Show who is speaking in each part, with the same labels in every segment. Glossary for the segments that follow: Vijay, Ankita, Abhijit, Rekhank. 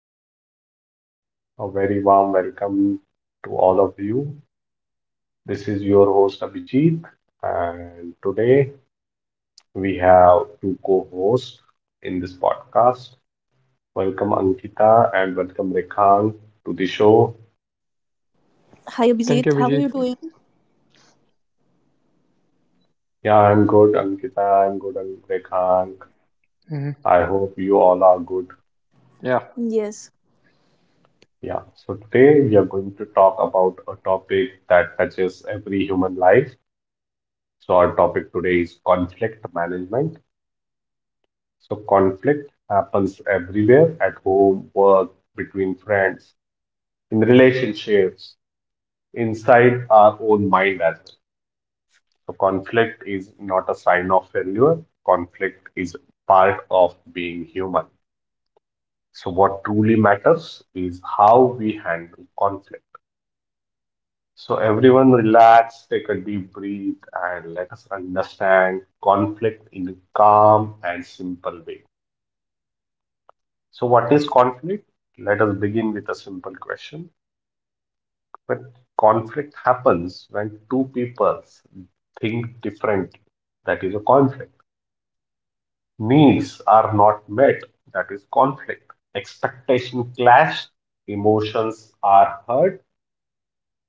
Speaker 1: podcast. A very warm welcome to all of you. This is your host, Abhijit, and today we have two co-hosts in this podcast. Welcome, Ankita, and welcome, Rekhank, to the show.
Speaker 2: Thank you,
Speaker 3: Hi
Speaker 2: Vijay.
Speaker 3: Abhijit, how are you doing?
Speaker 1: Yeah, I'm good, Ankita. I'm good, and Rekhank.
Speaker 2: Hmm.
Speaker 1: I hope you all are good.
Speaker 2: Yeah.
Speaker 3: Yes.
Speaker 1: Yeah, so today we are going to talk about a topic that touches every human life. So, our topic today is conflict management. So, conflict happens everywhere at home, work, between friends, in relationships, inside our own mind as well. So, conflict is not a sign of failure, conflict is part of being human. So, what truly matters is how we handle conflict. So, everyone relax, take a deep breath, and let us understand conflict in a calm and simple way. So, what is conflict? Let us begin with a simple question. When conflict happens when two people think differently, that is a conflict. Needs are not met, that is conflict. Expectation clash, emotions are hurt.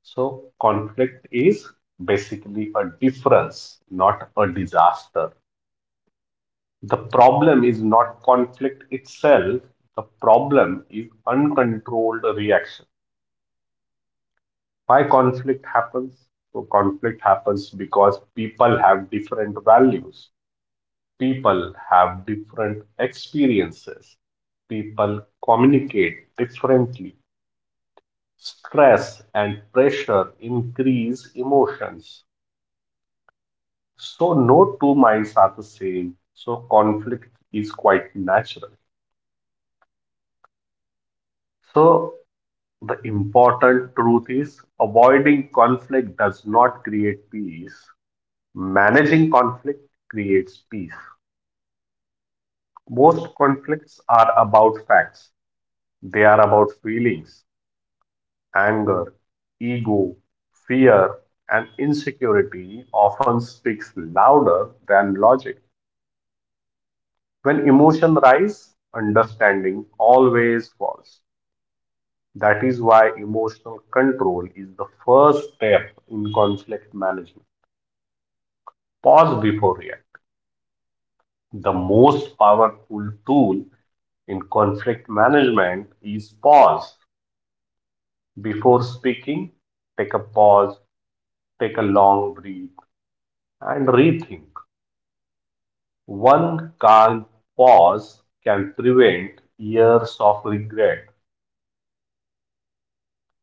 Speaker 1: So, conflict is basically a difference, not a disaster. The problem is not conflict itself, the problem is uncontrolled reaction. Why conflict happens? So conflict happens because people have different values, people have different experiences, people communicate differently, stress and pressure increase emotions. So no two minds are the same, so conflict is quite natural. So the important truth is avoiding conflict does not create peace. Managing conflict creates peace. Most conflicts are about facts, they are about feelings, anger, ego, fear, and insecurity often speaks louder than logic. When emotion rise, understanding always falls. That is why emotional control is the first step in conflict management. Pause before reacting. The most powerful tool in conflict management is pause. Before speaking, take a pause, take a long breath, and rethink. One calm pause can prevent years of regret.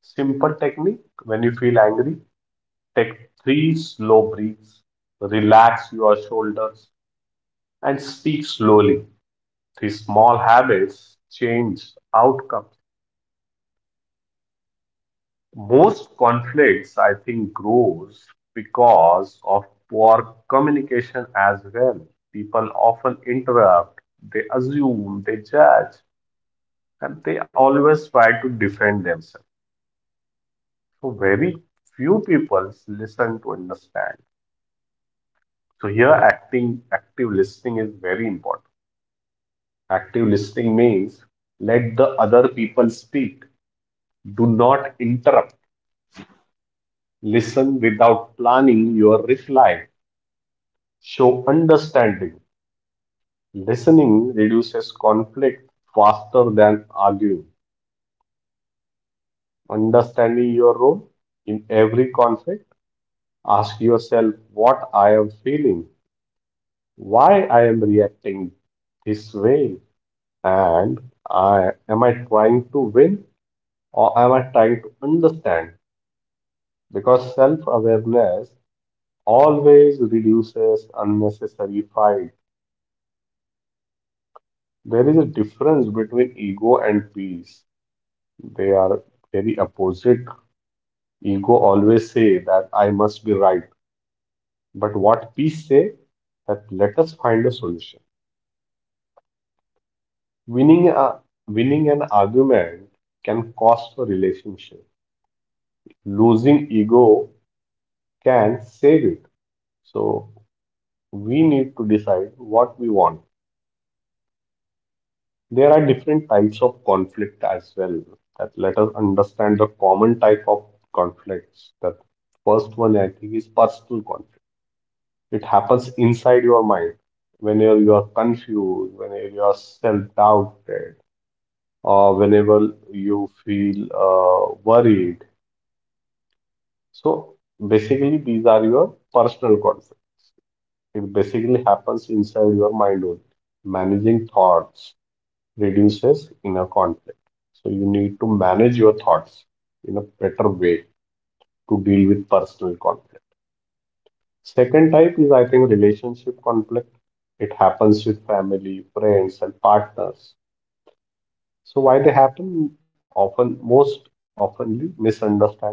Speaker 1: Simple technique: when you feel angry, take three slow breaths, relax your shoulders, and speak slowly. These small habits change outcomes. Most conflicts, I think, grows because of poor communication as well. People often interrupt, they assume, they judge, and they always try to defend themselves. So very few people listen to understand. So here acting active listening is very important. Active listening means let the other people speak. Do not interrupt. Listen without planning your reply. Show understanding. Listening reduces conflict faster than arguing. Understanding your role in every conflict, ask yourself what I am feeling, why I am reacting this way, and am I trying to win or am I trying to understand? Because self awareness always reduces unnecessary fight. There is a difference between ego and peace. They are very opposite. Ego always say that I must be right. But what peace say that let us find a solution. Winning a Winning an argument can cost a relationship. Losing ego can save it. So we need to decide what we want. There are different types of conflict as well. That let us understand the common type of conflicts. That first one I think is personal conflict. It happens inside your mind whenever you are confused, whenever you are self-doubted, or whenever you feel worried. So basically, these are your personal conflicts. It basically happens inside your mind only. Managing thoughts reduces inner conflict. So you need to manage your thoughts in a better way to deal with personal conflict. Second type is, I think, relationship conflict. It happens with family, friends, and partners. So why they happen? Often, most oftenly, misunderstanding,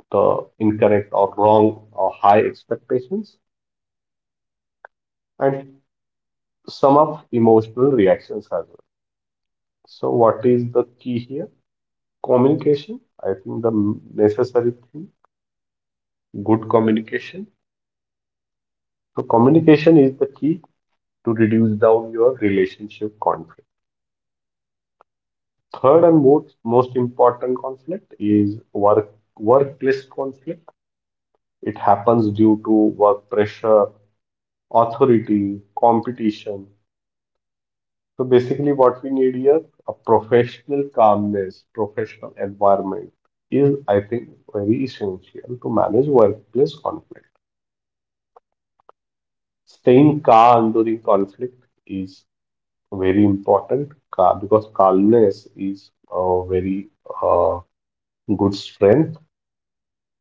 Speaker 1: the incorrect or wrong or high expectations, and some of emotional reactions as well. So what is the key here? Communication. I think the necessary thing, good communication. So communication is the key to reduce down your relationship conflict. Third and most important conflict is workplace conflict. It happens due to work pressure, authority, competition. So basically, what we need here a professional calmness, professional environment is, I think, very essential to manage workplace conflict. Staying calm during conflict is very important because calmness is a very uh, good strength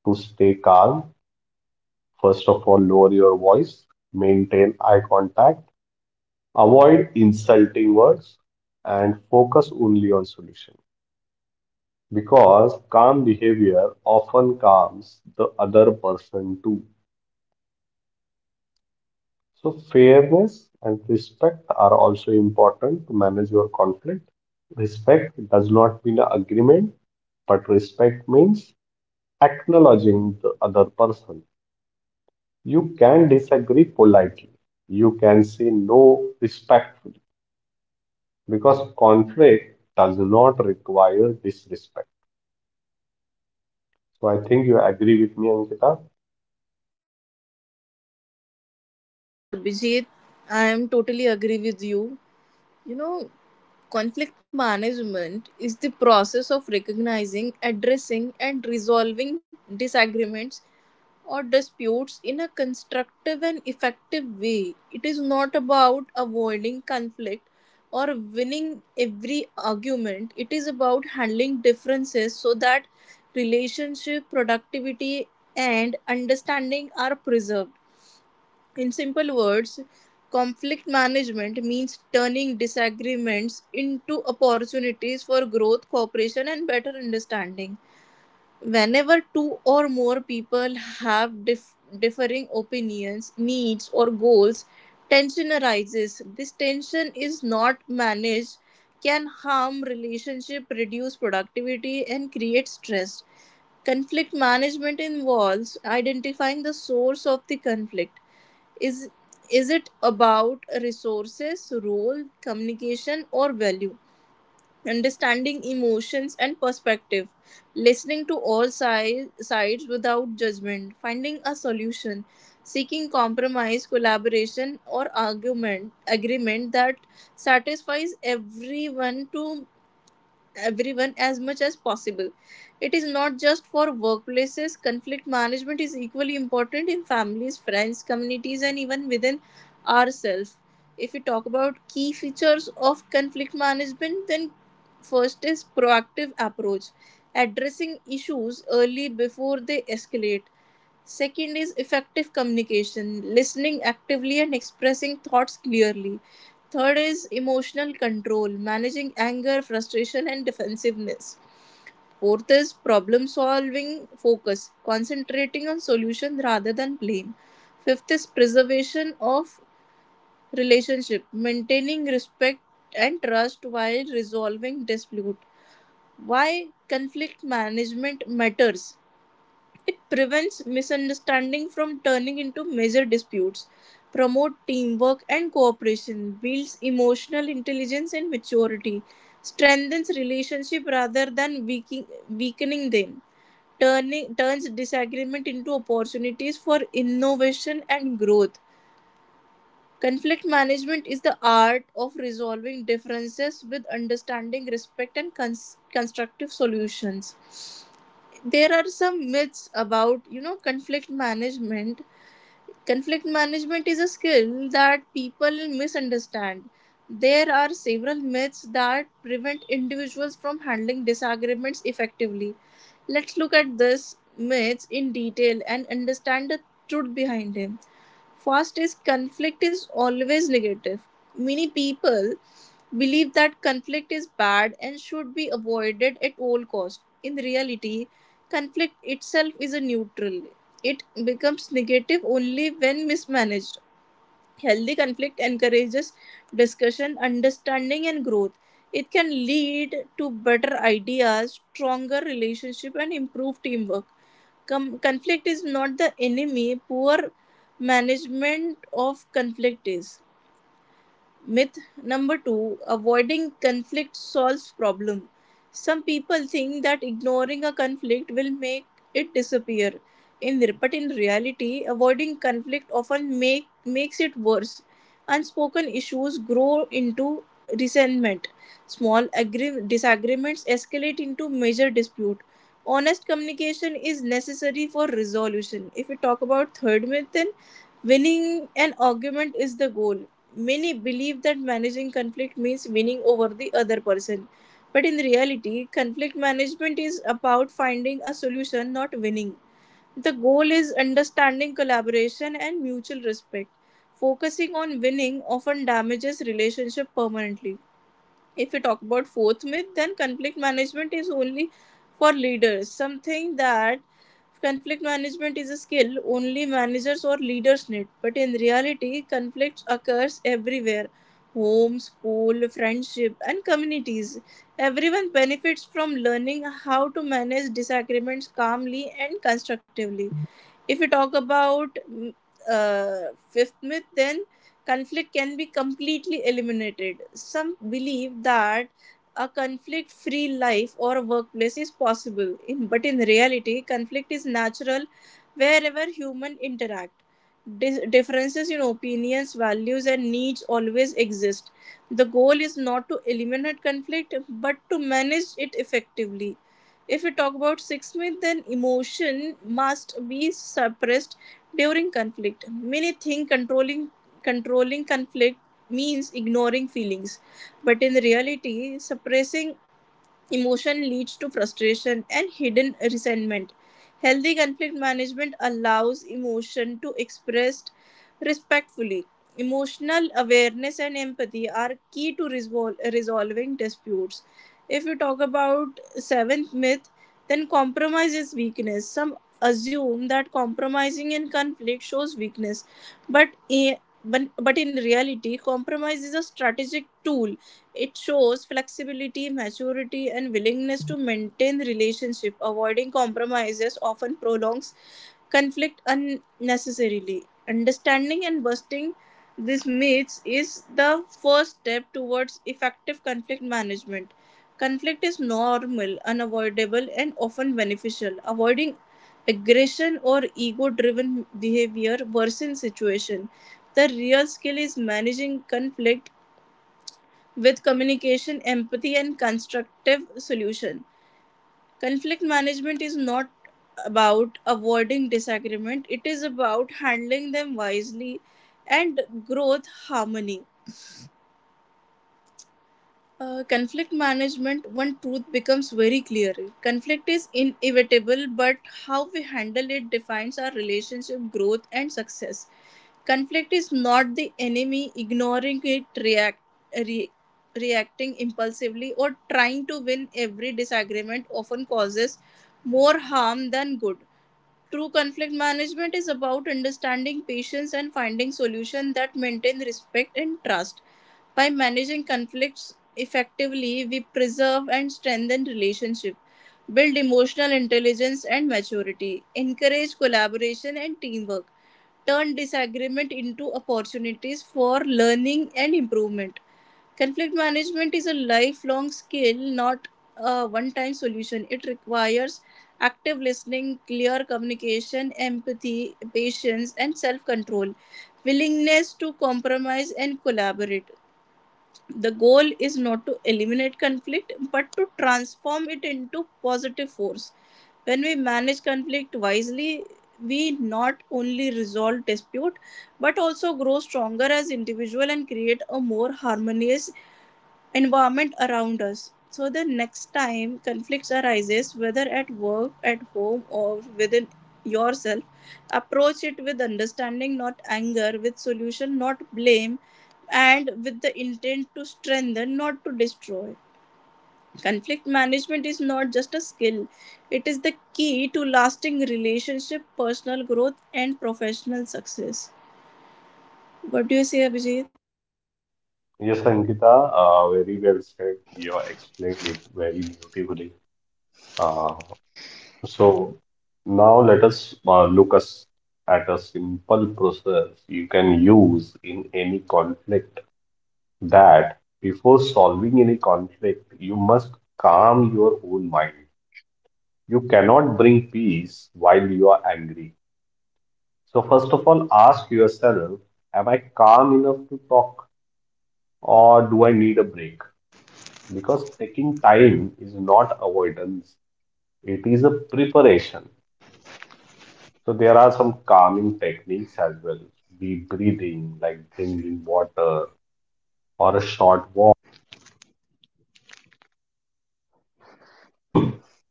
Speaker 1: to stay calm. First of all, lower your voice, maintain eye contact, avoid insulting words, and focus only on solution. Because calm behavior often calms the other person too. So fairness and respect are also important to manage your conflict. Respect does not mean agreement, but respect means acknowledging the other person. You can disagree politely. You can say no respectfully. Because conflict does not require disrespect. So I think you agree with me, Ankita.
Speaker 3: Yes, Abhijit, I am totally agree with you. You know, conflict management is the process of recognizing, addressing, and resolving disagreements or disputes in a constructive and effective way. It is not about avoiding conflict or winning every argument, it is about handling differences so that relationship, productivity, and understanding are preserved. In simple words, conflict management means turning disagreements into opportunities for growth, cooperation, and better understanding. Whenever two or more people have differing opinions, needs, or goals, tension arises. This tension is not managed, can harm relationship, reduce productivity, and create stress. Conflict management involves identifying the source of the conflict is is it about resources, role, communication or value? Understanding emotions and perspective, listening to all sides without judgment, finding a solution, seeking compromise, collaboration or argument agreement that satisfies everyone as much as possible. It is not just for workplaces, conflict management is equally important in families, friends, communities, and even within ourselves. If we talk about key features of conflict management, then first is proactive approach, addressing issues early before they escalate. Second is effective communication, listening actively and expressing thoughts clearly. Third is emotional control, managing anger, frustration, and defensiveness. Fourth is problem solving focus, concentrating on solution rather than blame. Fifth is preservation of relationship, maintaining respect and trust while resolving dispute. Why conflict management matters. It prevents misunderstanding from turning into major disputes, promotes teamwork and cooperation, builds emotional intelligence and maturity, strengthens relationship rather than weakening them, turning turns disagreement into opportunities for innovation and growth. Conflict management is the art of resolving differences with understanding, respect, and constructive solutions. There are some myths about, you know, conflict management. Conflict management is a skill that people misunderstand. There are several myths that prevent individuals from handling disagreements effectively. Let's look at this myths in detail and understand the truth behind them. First is conflict is always negative. Many people believe that conflict is bad and should be avoided at all cost. In reality, conflict itself is a neutral. It becomes negative only when mismanaged. Healthy conflict encourages discussion, understanding, and growth. It can lead to better ideas, stronger relationship, and improved teamwork. Conflict is not the enemy, poor management of conflict is. Myth number two, avoiding conflict solves problem. Some people think that ignoring a conflict will make it disappear. In re- but in reality, avoiding conflict often make makes it worse. Unspoken issues grow into resentment. Small disagreements escalate into major dispute. Honest communication is necessary for resolution. If we talk about third myth, then winning an argument is the goal. Many believe that managing conflict means winning over the other person. But in reality, conflict management is about finding a solution, not winning. The goal is understanding collaboration and mutual respect. Focusing on winning often damages relationship permanently. If we talk about fourth myth, then conflict management is only for leaders, something that conflict management is a skill only managers or leaders need. But in reality, conflict occurs everywhere: home, school, friendship and communities. Everyone benefits from learning how to manage disagreements calmly and constructively. If you talk about fifth myth, then conflict can be completely eliminated. Some believe that a conflict-free life or workplace is possible, but in reality, conflict is natural wherever human interact. Differences in opinions, values, and needs always exist. The goal is not to eliminate conflict, but to manage it effectively. If we talk about sixth myth, then emotion must be suppressed during conflict. Many think controlling conflict means ignoring feelings, but in reality, suppressing emotion leads to frustration and hidden resentment. Healthy conflict management allows emotion to expressed respectfully. Emotional awareness and empathy are key to resolving disputes. If we talk about seventh myth, then compromise is weakness. Some assume that compromising in conflict shows weakness, but I- but in reality, compromise is a strategic tool. It shows flexibility, maturity, and willingness to maintain relationship. Avoiding compromises often prolongs conflict unnecessarily. Understanding and busting these myths is the first step towards effective conflict management. Conflict is normal, unavoidable, and often beneficial. Avoiding aggression or ego driven behavior worsens situation. The real skill is managing conflict with communication, empathy, and constructive solution. Conflict management is not about avoiding disagreement, it is about handling them wisely and growth harmony. Conflict management, one truth becomes very clear. Conflict is inevitable, but how we handle it defines our relationship growth and success. Conflict is not the enemy, ignoring it, re, reacting impulsively, or trying to win every disagreement often causes more harm than good. True conflict management is about understanding patience and finding solutions that maintain respect and trust. By managing conflicts effectively, we preserve and strengthen relationships, build emotional intelligence and maturity, encourage collaboration and teamwork, turn disagreement into opportunities for learning and improvement. Conflict management is a lifelong skill, not a one time solution. It requires active listening, clear communication, empathy, patience, and self control, willingness to compromise and collaborate. The goal is not to eliminate conflict but to transform it into positive force. When we manage conflict wisely, we not only resolve dispute but also grow stronger as individual and create a more harmonious environment around us. So the next time conflicts arises, whether at work, at home, or within yourself, approach it with understanding not anger, with solution not blame, and with the intent to strengthen, not to destroy. Conflict management is not just a skill, it is the key to lasting relationship, personal growth and professional success. What do you say, Abhijit?
Speaker 1: Yes, Ankita, very well said. You explained it very beautifully. Uh, so now let us look us at a simple process you can use in any conflict. That before solving any conflict, you must calm your own mind. You cannot bring peace while you are angry. So, first of all, ask yourself: am I calm enough to talk or do I need a break? Because taking time is not avoidance, it is a preparation. So, there are some calming techniques as well, deep breathing, like drinking water or a short walk.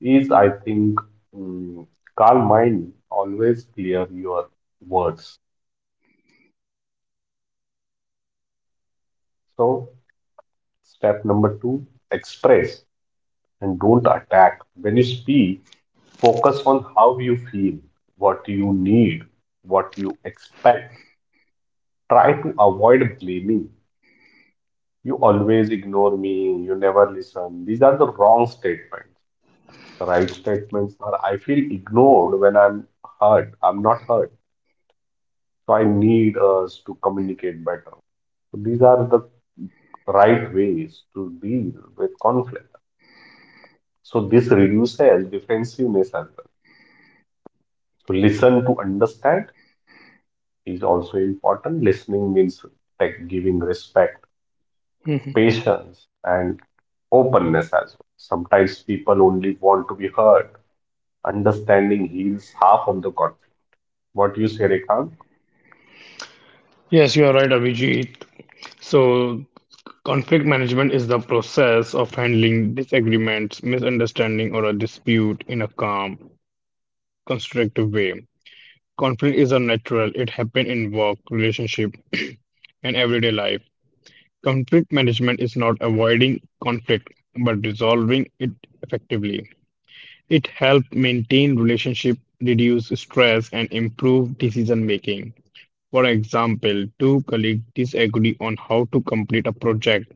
Speaker 1: is, I think, mm, calm mind always clear your words. So, step number two, express and don't attack. When you speak, focus on how you feel, what you need, what you expect. Try to avoid blaming. You always ignore me, you never listen. These are the wrong statements. The right statements are I feel ignored when I'm hurt. I'm not hurt. So I need us to communicate better. So these are the right ways to deal with conflict. So this reduces defensiveness as well. So listen to understand is also important. Listening means like giving respect,
Speaker 2: Mhm.
Speaker 1: patience, and openness as well. Sometimes people only want to be heard. Understanding heals half of the conflict. What you say, Rekhang?
Speaker 2: Yes, you are right, Abhijit. So, conflict management is the process of handling disagreements, misunderstanding, or a dispute in a calm, constructive way. Conflict is unnatural, it happens in work, relationship, and everyday life. Conflict management is not avoiding conflict, but resolving it effectively. It helps maintain relationship, reduce stress, and improve decision making. For example, two colleagues disagree on how to complete a project.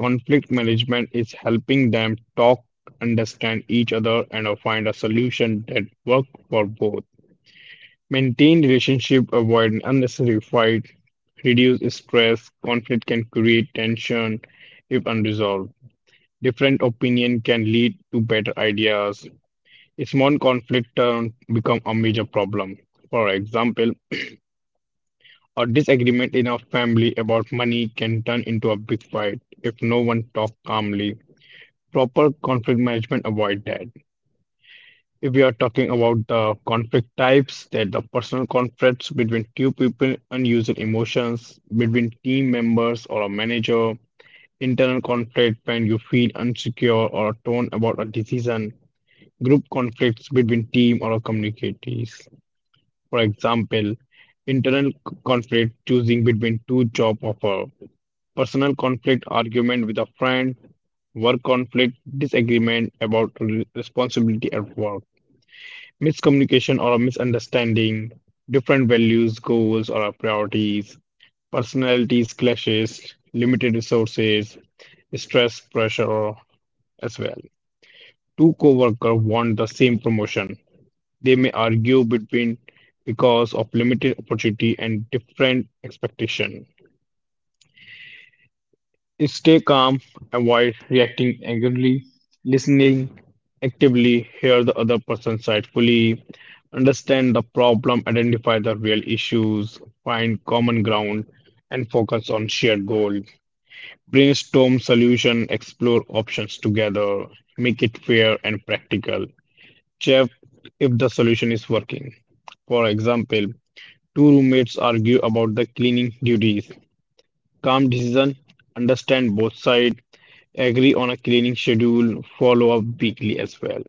Speaker 2: Conflict management is helping them talk, understand each other, and find a solution that works for both. Maintain relationship, avoid unnecessary fight, reduce stress. Conflict can create tension if unresolved. Different opinion can lead to better ideas. A small conflict turn become a major problem. For example, a disagreement in a family about money can turn into a big fight if no one talks calmly. Proper conflict management avoid that. If we are talking about the conflict types, that the personal conflicts between two people, unused emotions between team members or a manager, internal conflict when you feel insecure or a torn about a decision, group conflicts between team or communities. For example, conflict choosing between two job offer personal conflict, argument with a friend, work conflict, disagreement about responsibility at work, miscommunication or a misunderstanding, different values, goals, or our priorities, personalities clashes, limited resources, stress, pressure as well. Two co-workers want the same promotion. They may argue between because of limited opportunity and different expectation. Stay calm, avoid reacting angrily, listening actively, hear the other person's side fully, understand the problem, identify the real issues, find common ground, and focus on shared goal. Brainstorm solution, explore options together, make it fair and practical. Check if the solution is working. For example, two roommates argue about the cleaning duties. Calm decision, understand both sides, agree on a cleaning schedule, follow up weekly as well.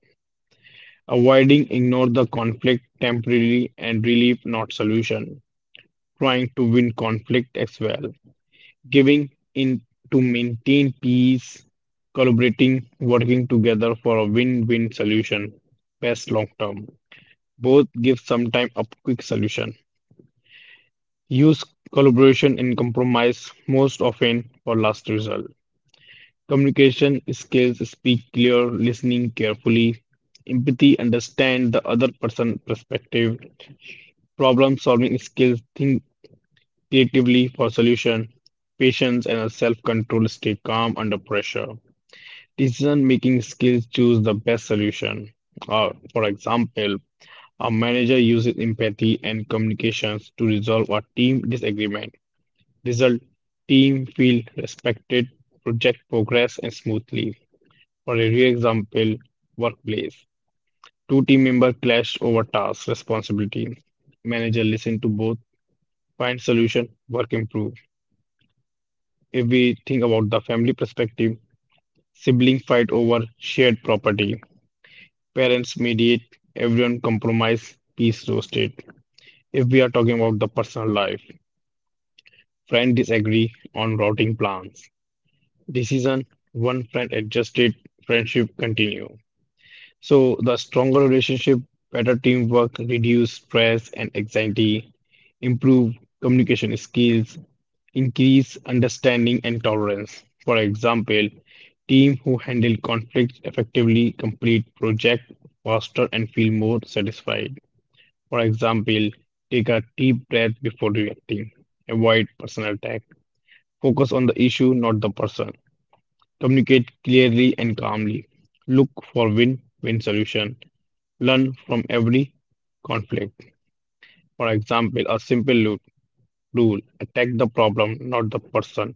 Speaker 2: Avoiding ignore the conflict temporarily and relief not solution. Trying to win conflict as well. Giving in to maintain peace, collaborating, working together for a win-win solution. Best long term. Both give sometime a quick solution. Use collaboration and compromise most often for last result. Communication skills speak clear, listening carefully, empathy, understand the other person's perspective, problem solving skills, think creatively for solution, patience and self control, stay calm under pressure. Decision making skills choose the best solution. For example, a manager uses empathy and communications to resolve a team disagreement. Result team feel respected, project progress and smoothly. For a real example, workplace. Two team members clash over tasks, responsibility. Manager listen to both, find solution, work improve. If we think about the family perspective, sibling fight over shared property. Parents mediate, everyone compromise, peace roasted. If we are talking about the personal life, friend disagree on routing plans. Decision, one friend adjusted, friendship continue. So the stronger relationship, better teamwork, reduce stress and anxiety, improve communication skills, increase understanding and tolerance. For example, team who handle conflicts effectively complete project faster and feel more satisfied. For example, take a deep breath before reacting. Avoid personal attack. Focus on the issue, not the person. Communicate clearly and calmly. Look for win-win solution. Learn from every conflict. For example, a simple rule attack the problem, not the person.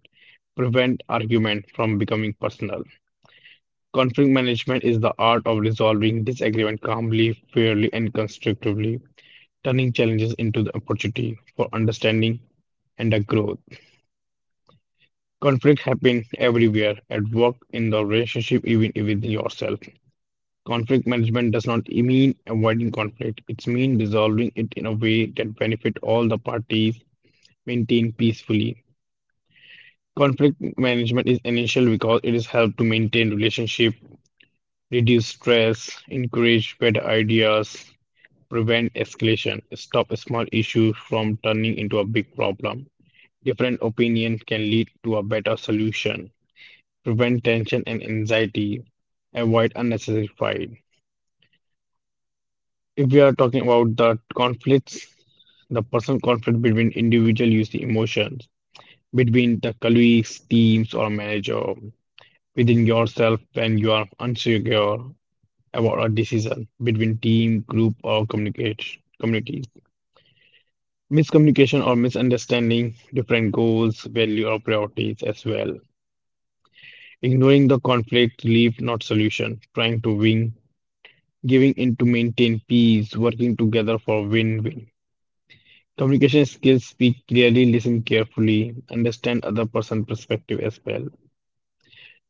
Speaker 2: Prevent argument from becoming personal. Conflict management is the art of resolving disagreement calmly, fairly, and constructively, turning challenges into the opportunity for understanding and a growth. Conflict happen everywhere at work, in the relationship, even within yourself. Conflict management does not mean avoiding conflict. It means resolving it in a way that benefit all the parties, maintain peacefully. Conflict management is essential because it is help to maintain relationship, reduce stress, encourage better ideas, prevent escalation, stop a small issue from turning into a big problem. Different opinions can lead to a better solution, prevent tension and anxiety, avoid unnecessary fight. If we are talking about the conflicts, the personal conflict between individual use the emotions, between the colleagues, teams, or manager, within yourself when you are unsure about a decision, between team, group, or communication community. Miscommunication or misunderstanding different goals, value, or priorities as well. Ignoring the conflict, leave not solution. Trying to win, giving in to maintain peace, working together for win-win. Communication skills speak clearly, listen carefully, understand other person's perspective as well.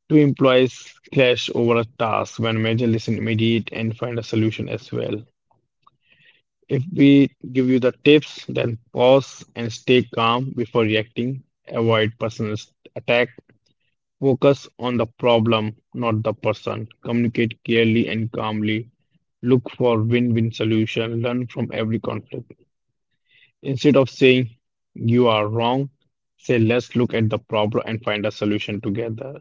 Speaker 2: Two employees clash over a task when manager listen immediate and find a solution as well. If we give you the tips, then pause and stay calm before reacting. Avoid personal attack. Focus on the problem, not the person. Communicate clearly and calmly. Look for win-win solution. Learn from every conflict. Instead of saying you are wrong, say let's look at the problem and find a solution together.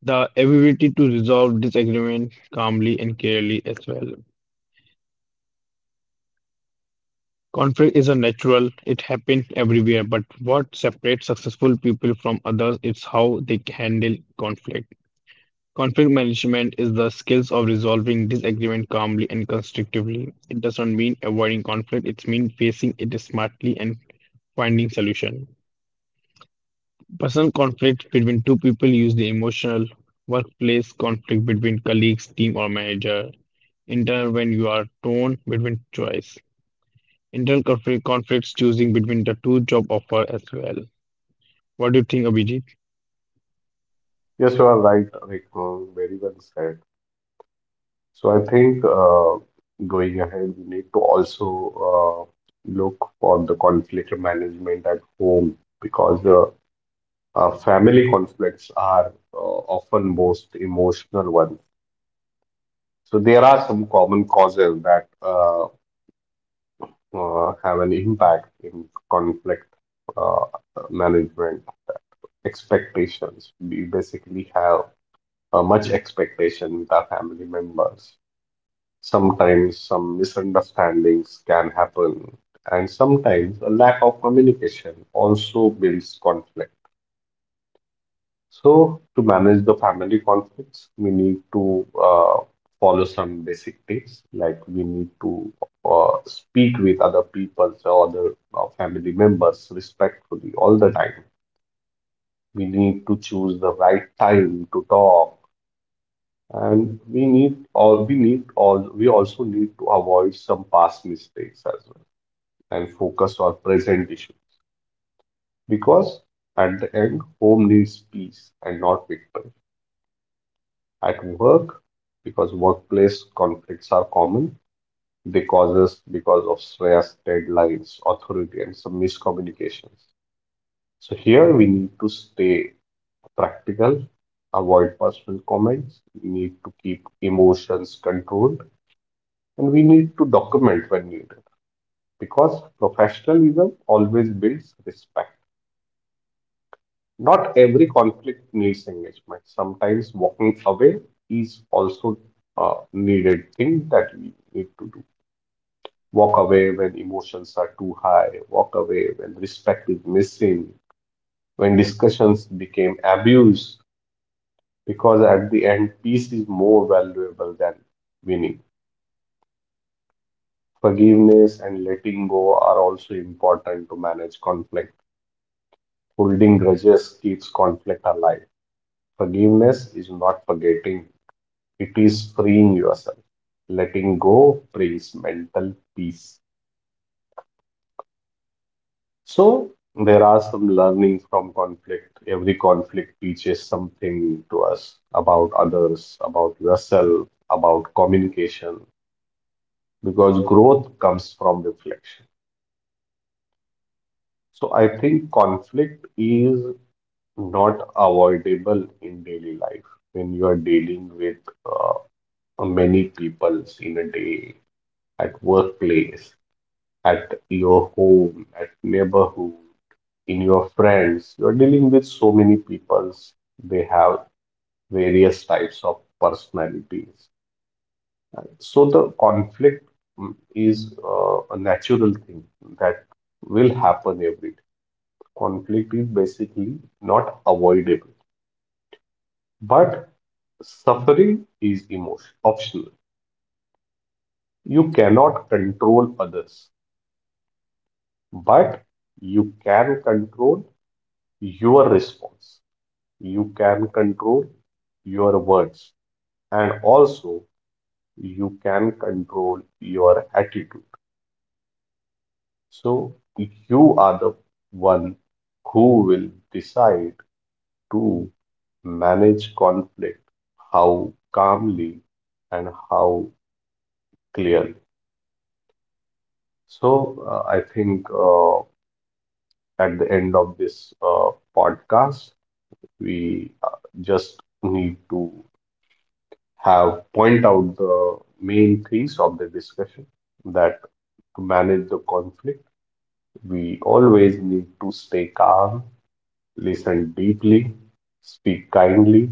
Speaker 2: The ability to resolve disagreement calmly and clearly as well. Conflict is a natural, it happens everywhere, but what separates successful people from others is how they handle conflict. Conflict management is the skills of resolving disagreement calmly and constructively. It does not mean avoiding conflict, it means facing it smartly and finding solution. Personal conflict between two people usually emotional, workplace conflict between colleagues, team or manager, internal when you are torn between choice, internal conflict conflicts choosing between the two job offer as well. What do you think, Abhijit?
Speaker 1: Yes, you are right, Rekhang. Very well said. So I think going ahead, we need to also look for the conflict management at home because the family conflicts are often most emotional ones. So there are some common causes that have an impact in conflict uh, management. Expectations. We basically have much expectation with our family members. Sometimes some misunderstandings can happen, and sometimes a lack of communication also builds conflict. So, to manage the family conflicts, we need to follow some basic tips, like we need to speak with other people or other family members respectfully all the time. We need to choose the right time to talk, and we need or we need all we also need to avoid some past mistakes as well and focus on present issues, because at the end, home needs peace and not victory. At work, because workplace conflicts are common, they causes because of stress, deadlines, authority, and some miscommunications. So here we need to stay practical, avoid personal comments, we need to keep emotions controlled, and we need to document when needed, because professionalism always builds respect. Not every conflict needs engagement. Sometimes walking away is also a needed thing that we need to do. Walk away when emotions are too high, walk away when respect is missing, when discussions became abuse, because at the end, peace is more valuable than winning. Forgiveness and letting go are also important to manage conflict. Holding grudges keeps conflict alive. Forgiveness is not forgetting, it is freeing yourself. Letting go brings mental peace. So, there are some learnings from conflict. Every conflict teaches something to us about others, about yourself, about communication, because growth comes from reflection. So, I think conflict is not avoidable in daily life. When you are dealing with uh, many peoples in a day, at workplace, at your home, at neighborhood, in your friends. You're dealing with so many peoples. They have various types of personalities. So the conflict is a natural thing that will happen every day. Conflict is basically not avoidable, but suffering is emotion optional. You cannot control others, but you can control your response. You can control your words and also you can control your attitude. So you are the one who will decide to manage conflict, how calmly and how clearly. So I think at the end of this podcast, we just need to have point out the main themes of the discussion, that to manage the conflict, we always need to stay calm, listen deeply, speak kindly,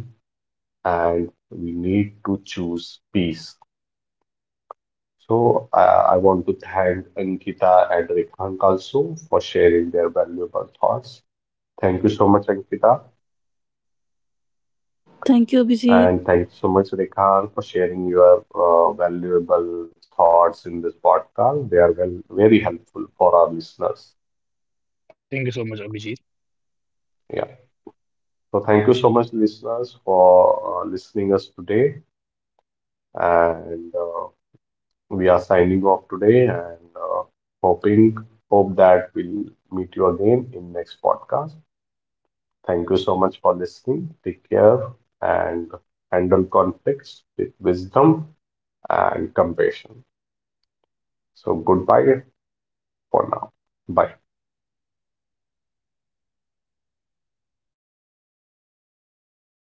Speaker 1: and we need to choose peace. So I want to thank Ankita and Rekhank also for sharing their valuable thoughts. Thank you so much, Ankita.
Speaker 3: Thank you, Abhijit.
Speaker 1: And thank you so much, Rehan, for sharing your valuable thoughts in this podcast. They are well, very helpful for our listeners.
Speaker 2: Thank you so much, Abhijit.
Speaker 1: Yeah. So thank you so much, listeners, for listening us today. And we are signing off today and hoping hope that we'll meet you again in next podcast. Thank you so much for listening. Take care and handle conflicts with wisdom and compassion. So goodbye for now. Bye.